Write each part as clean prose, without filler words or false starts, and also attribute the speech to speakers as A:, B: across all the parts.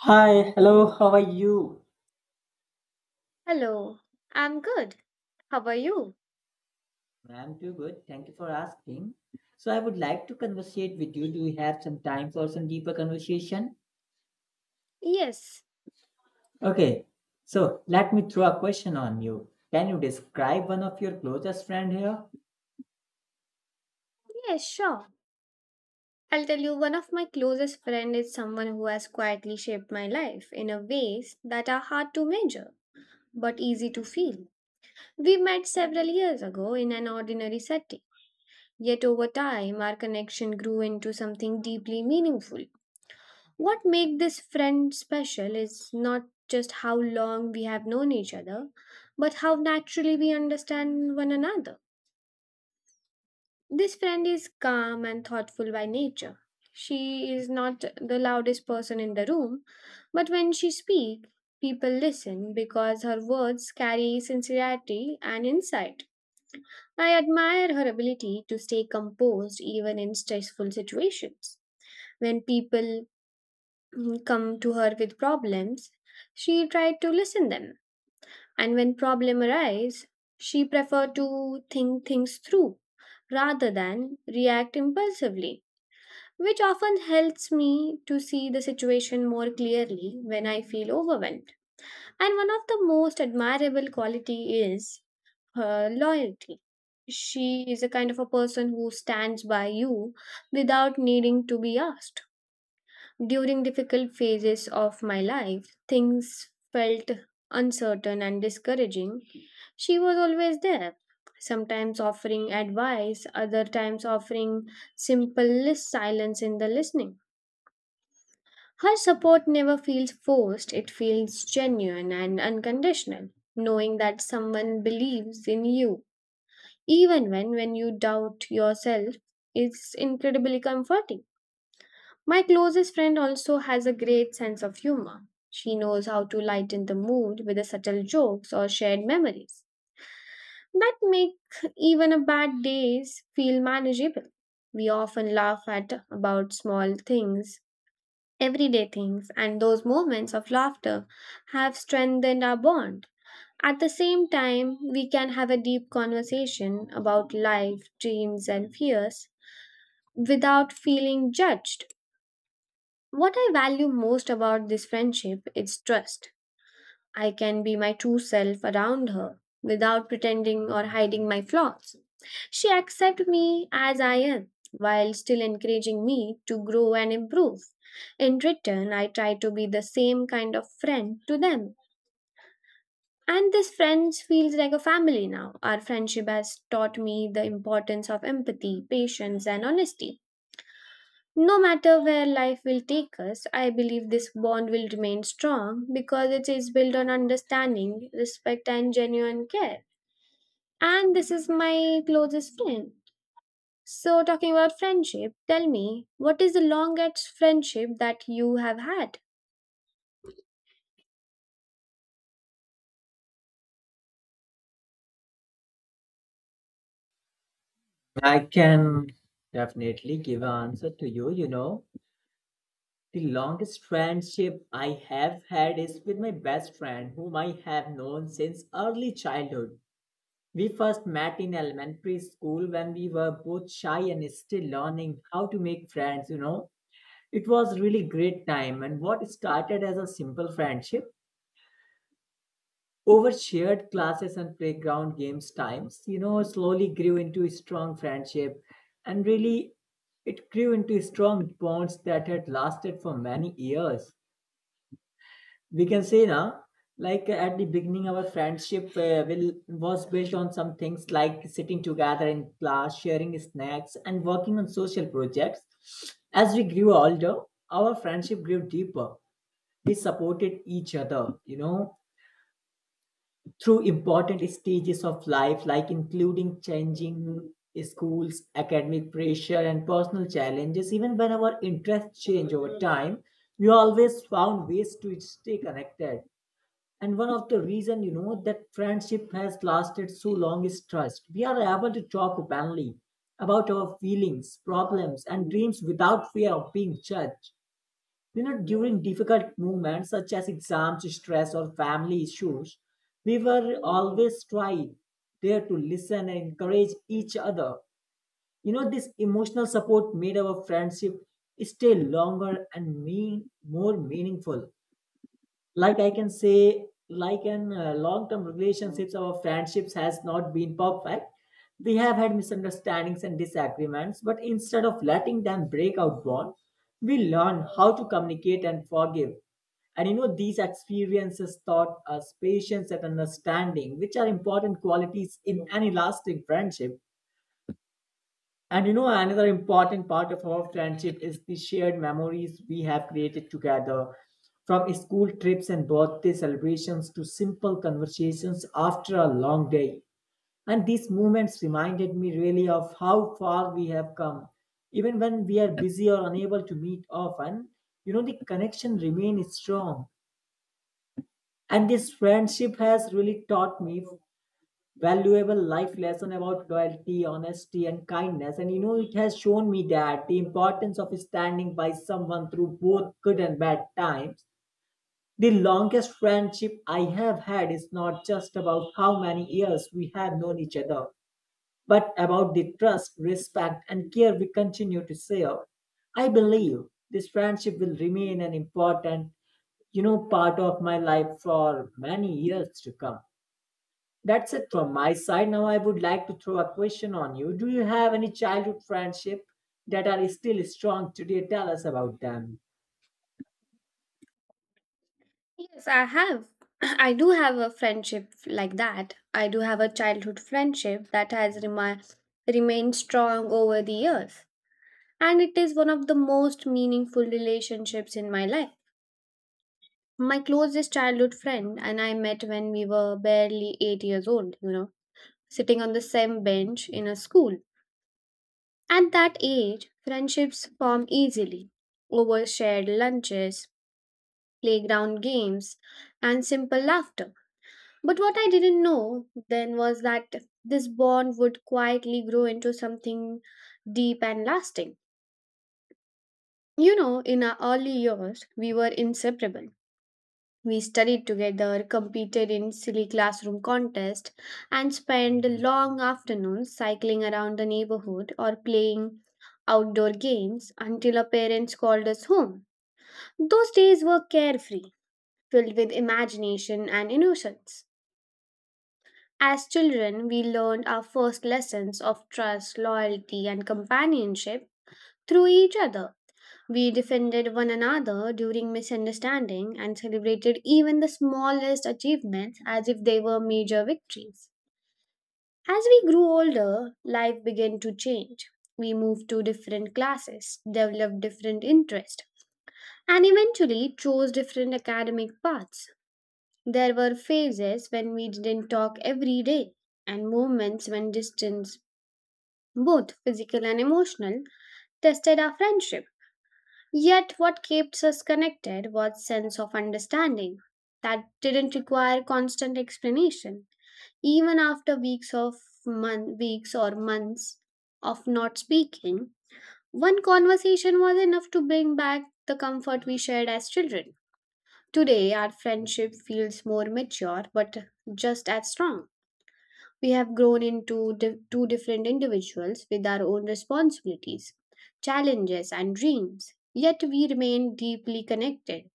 A: Hi, hello, how are you?
B: Hello, I'm good. How are you?
A: I'm too good. Thank you for asking. So I would like to conversate with you. Do we have some time for some deeper conversation?
B: Yes,
A: Okay. So let me throw a question on you. Can you describe one of your closest friend here?
B: yes, sure. I'll tell you, one of my closest friends is someone who has quietly shaped my life in a ways that are hard to measure but easy to feel. We met several years ago in an ordinary setting, yet over time our connection grew into something deeply meaningful. What makes this friend special is not just how long we have known each other, but how naturally we understand one another. This friend is calm and thoughtful by nature. She is not the loudest person in the room, but when she speaks, people listen because her words carry sincerity and insight. I admire her ability to stay composed even in stressful situations. When people come to her with problems, she tried to listen them. And when problem arise, she preferred to think things through rather than react impulsively which often helps me to see the situation more clearly when I feel overwhelmed. And one of the most admirable quality is her loyalty. She is a kind of a person who stands by you without needing to be asked. During difficult phases of my life, things felt uncertain and discouraging. She was always there, sometimes offering advice, other times offering silence in the listening. Her support never feels forced, it feels genuine and unconditional, knowing that someone believes in you, even when you doubt yourself, is incredibly comforting. My closest friend also has a great sense of humor. She knows how to lighten the mood with the subtle jokes or shared memories that make even a bad days feel manageable. We often laugh at about small things Everyday things and those moments of laughter have strengthened our bond. At the same time, we can have a deep conversation about life, dreams, and fears without feeling judged. What I value most about this friendship is trust. I can be my true self around her without pretending or hiding my flaws. She accepts me as I am while still encouraging me to grow and improve. In return, I try to be the same kind of friend to them. And this friends feels like a family now. Our friendship has taught me the importance of empathy, patience and honesty. No matter where life will take us, I believe this bond will remain strong because it is built on understanding, respect, and genuine care. And this is my closest friend. So, talking about friendship, tell me, what is the longest friendship that you have had?
A: I can definitely give an answer to you. The longest friendship I have had is with my best friend, whom I have known since early childhood. We first met in elementary school when we were both shy and still learning how to make friends. It was really great time, and what started as a simple friendship over shared classes and playground games times, slowly grew into a strong friendship, and really it grew into strong bonds that had lasted for many years. We can say now, like at the beginning our friendship will was based on some things like sitting together in class, sharing snacks, and working on social projects. As we grew older, our friendship grew deeper. We supported each other through important stages of life, like including changing schools, academic pressure, and personal challenges. Even when our interests change over time, we always found ways to stay connected. And one of the reason, that friendship has lasted so long is trust. We are able to talk openly about our feelings, problems, and dreams without fear of being judged. During difficult moments, such as exams stress or family issues, we were always try there to listen and encourage each other. This emotional support made our friendship stay longer and mean more meaningful. Like I can say, like an long term relationships or friendships has not been perfect. We have had misunderstandings and disagreements, but instead of letting them break out bond, we learn how to communicate and forgive. And these experiences taught us patience and understanding, which are important qualities in any lasting friendship. And another important part of our friendship is the shared memories we have created together, from school trips and birthday celebrations to simple conversations after a long day. And these moments reminded me really of how far we have come. Even when we are busy or unable to meet often, the connection remains strong. And this friendship has really taught me valuable life lesson about loyalty, honesty, and kindness. And it has shown me that the importance of standing by someone through both good and bad times. The longest friendship I have had is not just about how many years we have known each other, but about the trust, respect, and care we continue to share. I believe this friendship will remain an important, part of my life for many years to come. That's it from my side. Now I would like to throw a question on you. Do you have any childhood friendship that are still strong today? Tell us about them.
B: Yes, I have. I do have a friendship like that. I do have a childhood friendship that has remained strong over the years. And it is one of the most meaningful relationships in my life. My closest childhood friend and I met when we were barely 8 years old, you know, sitting on the same bench in a school. At that age, friendships form easily over shared lunches, playground games, and simple laughter. But what I didn't know then was that this bond would quietly grow into something deep and lasting. You know, in our early years, we were inseparable. We studied together, competed in silly classroom contests, and spent long afternoons cycling around the neighborhood or playing outdoor games until our parents called us home. Those days were carefree, filled with imagination and innocence. As children, we learned our first lessons of trust, loyalty, and companionship through each other. We defended one another during misunderstanding and celebrated even the smallest achievements as if they were major victories. As we grew older, life began to change. We moved to different classes, developed different interests, and eventually chose different academic paths. There were phases when we didn't talk every day, and moments when distance, both physical and emotional, tested our friendship. Yet, what keeps us connected was sense of understanding that didn't require constant explanation. Even after weeks or months of not speaking, one conversation was enough to bring back the comfort we shared as children. Today, our friendship feels more mature, but just as strong. We have grown into two different individuals with our own responsibilities, challenges, and dreams. Yet we remain deeply connected.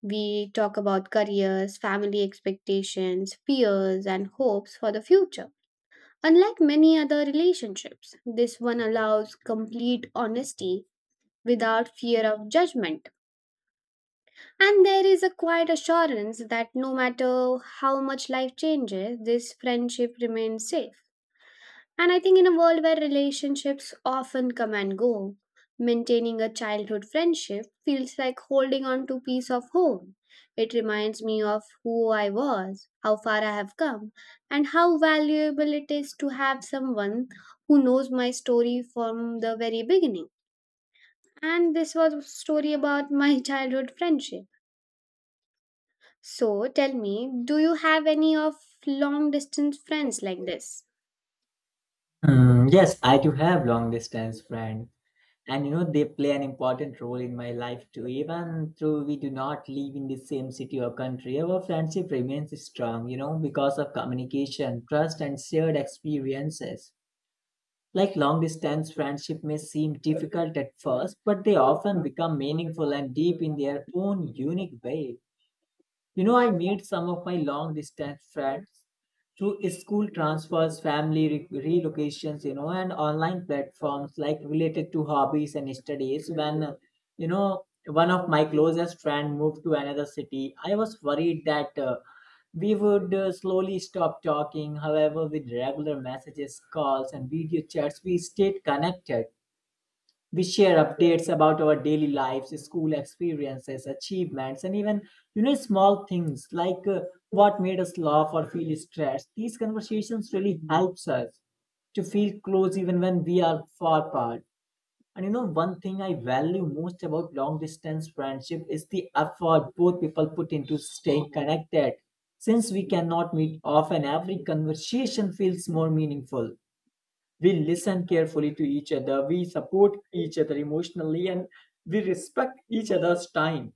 B: We talk about careers, family expectations, fears, and hopes for the future. Unlike many other relationships, this one allows complete honesty without fear of judgment. And there is a quiet assurance that no matter how much life changes, this friendship remains safe. And I think in a world where relationships often come and go, maintaining a childhood friendship feels like holding on to piece of home. It reminds me of who I was, how far I have come, and how valuable it is to have someone who knows my story from the very beginning. And this was a story about my childhood friendship. So tell me, do you have any of long distance friends like this?
A: Mm, yes, I do have long distance friends. And they play an important role in my life too. Even though we do not live in the same city or country, our friendship remains strong, because of communication, trust, and shared experiences. Like long distance friendship may seem difficult at first, but they often become meaningful and deep in their own unique way. You know, I made some of my long distance friends through school transfers, family relocations, and online platforms like related to hobbies and studies. One of my closest friend moved to another city. I was worried that we would slowly stop talking. However, with regular messages, calls, and video chats, we stayed connected. We share updates about our daily lives, school experiences, achievements, and even small things like what made us laugh or feel stressed. These conversations really helps us to feel close even when we are far apart. And one thing I value most about long distance friendship is the effort both people put into staying connected. Since we cannot meet often, every conversation feels more meaningful. We listen carefully to each other. We support each other emotionally, and we respect each other's time.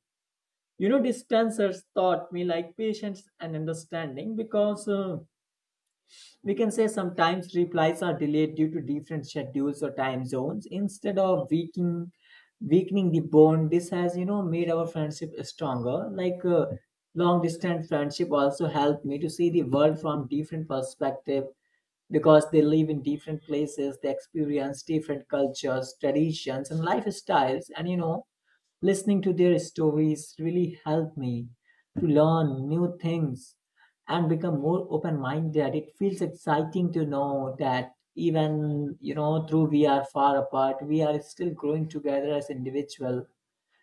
A: Distancers taught me like patience and understanding, because we can say sometimes replies are delayed due to different schedules or time zones. Instead of weakening, the bond, this has made our friendship stronger. Like long distance friendship also helped me to see the world from different perspective, because they live in different places, they experience different cultures, traditions, and lifestyles. And listening to their stories really helped me to learn new things and become more open-minded. It feels exciting to know that even through we are far apart, we are still growing together as individual.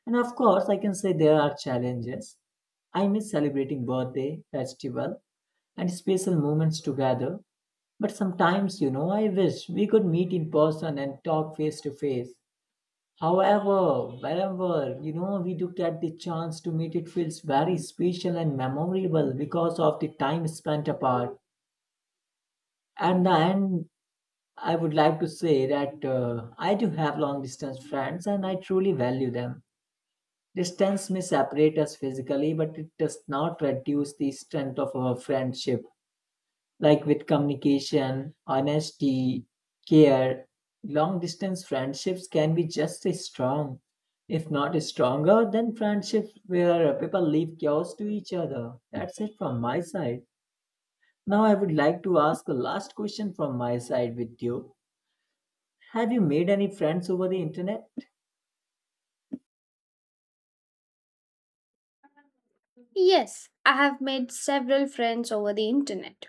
A: And of course, I can say there are challenges. I miss celebrating birthday, festival, and special moments together. But sometimes, I wish we could meet in person and talk face to face. However, wherever we do get the chance to meet, it feels very special and memorable because of the time spent apart. And the end, I would like to say that I do have long distance friends and I truly value them. Distance may separate us physically, but it does not reduce the strength of our friendship. Like with communication, honesty, care, long distance friendships can be just as strong, if not stronger, than friendships where people leave chaos to each other. That's it from my side. Now, I would like to ask a last question from my side with you. Have you made any friends over the internet?
B: Yes, I have made several friends over the internet,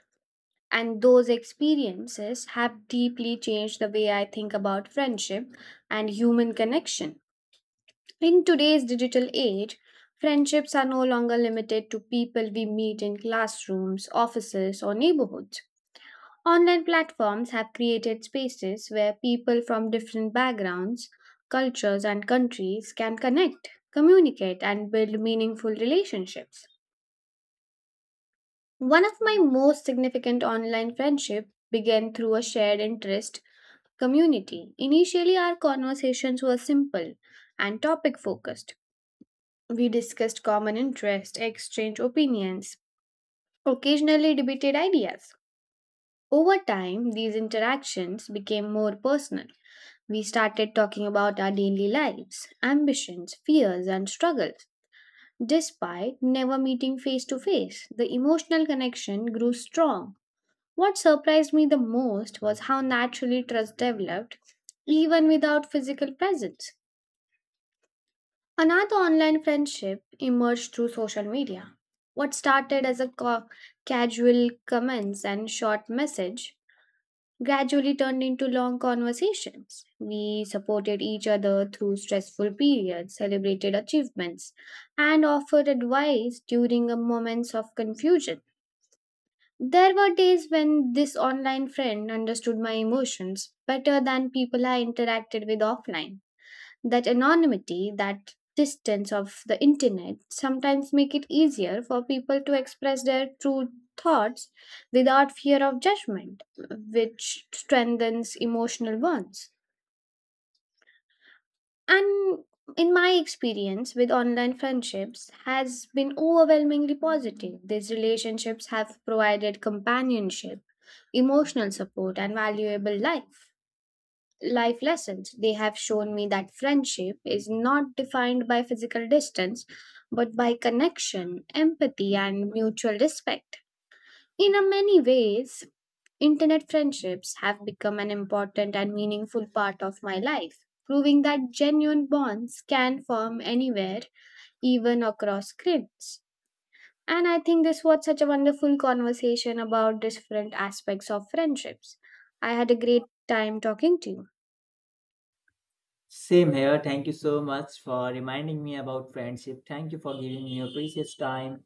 B: and those experiences have deeply changed the way I think about friendship and human connection. In today's digital age, friendships are no longer limited to people we meet in classrooms, offices, or neighborhoods. Online platforms have created spaces where people from different backgrounds, cultures, and countries can connect, communicate, and build meaningful relationships. One of my most significant online friendships began through a shared interest community. Initially, our conversations were simple and topic focused. We discussed common interests, exchanged opinions, occasionally debated ideas. Over time, these interactions became more personal. We started talking about our daily lives, ambitions, fears, and struggles. Despite never meeting face to face, the emotional connection grew strong. What surprised me the most was how naturally trust developed, even without physical presence. Another online friendship emerged through social media. What started as casual comments and short message gradually turned into long conversations. We supported each other through stressful periods, celebrated achievements, and offered advice during a moments of confusion. There were days when this online friend understood my emotions better than people I interacted with offline. That anonymity, that distance of the internet sometimes make it easier for people to express their true thoughts without fear of judgment, which strengthens emotional bonds and in my experience with online friendships has been overwhelmingly positive these relationships have provided companionship emotional support and valuable life lessons they have shown me that friendship is not defined by physical distance but by connection empathy and mutual respect in a many ways Internet friendships have become an important and meaningful part of my life, proving that genuine bonds can form anywhere, even across screens. And I think this was such a wonderful conversation about different aspects of friendships. I had a great time talking to you.
A: Same here. Thank you so much for reminding me about friendship. Thank you for giving me your precious time.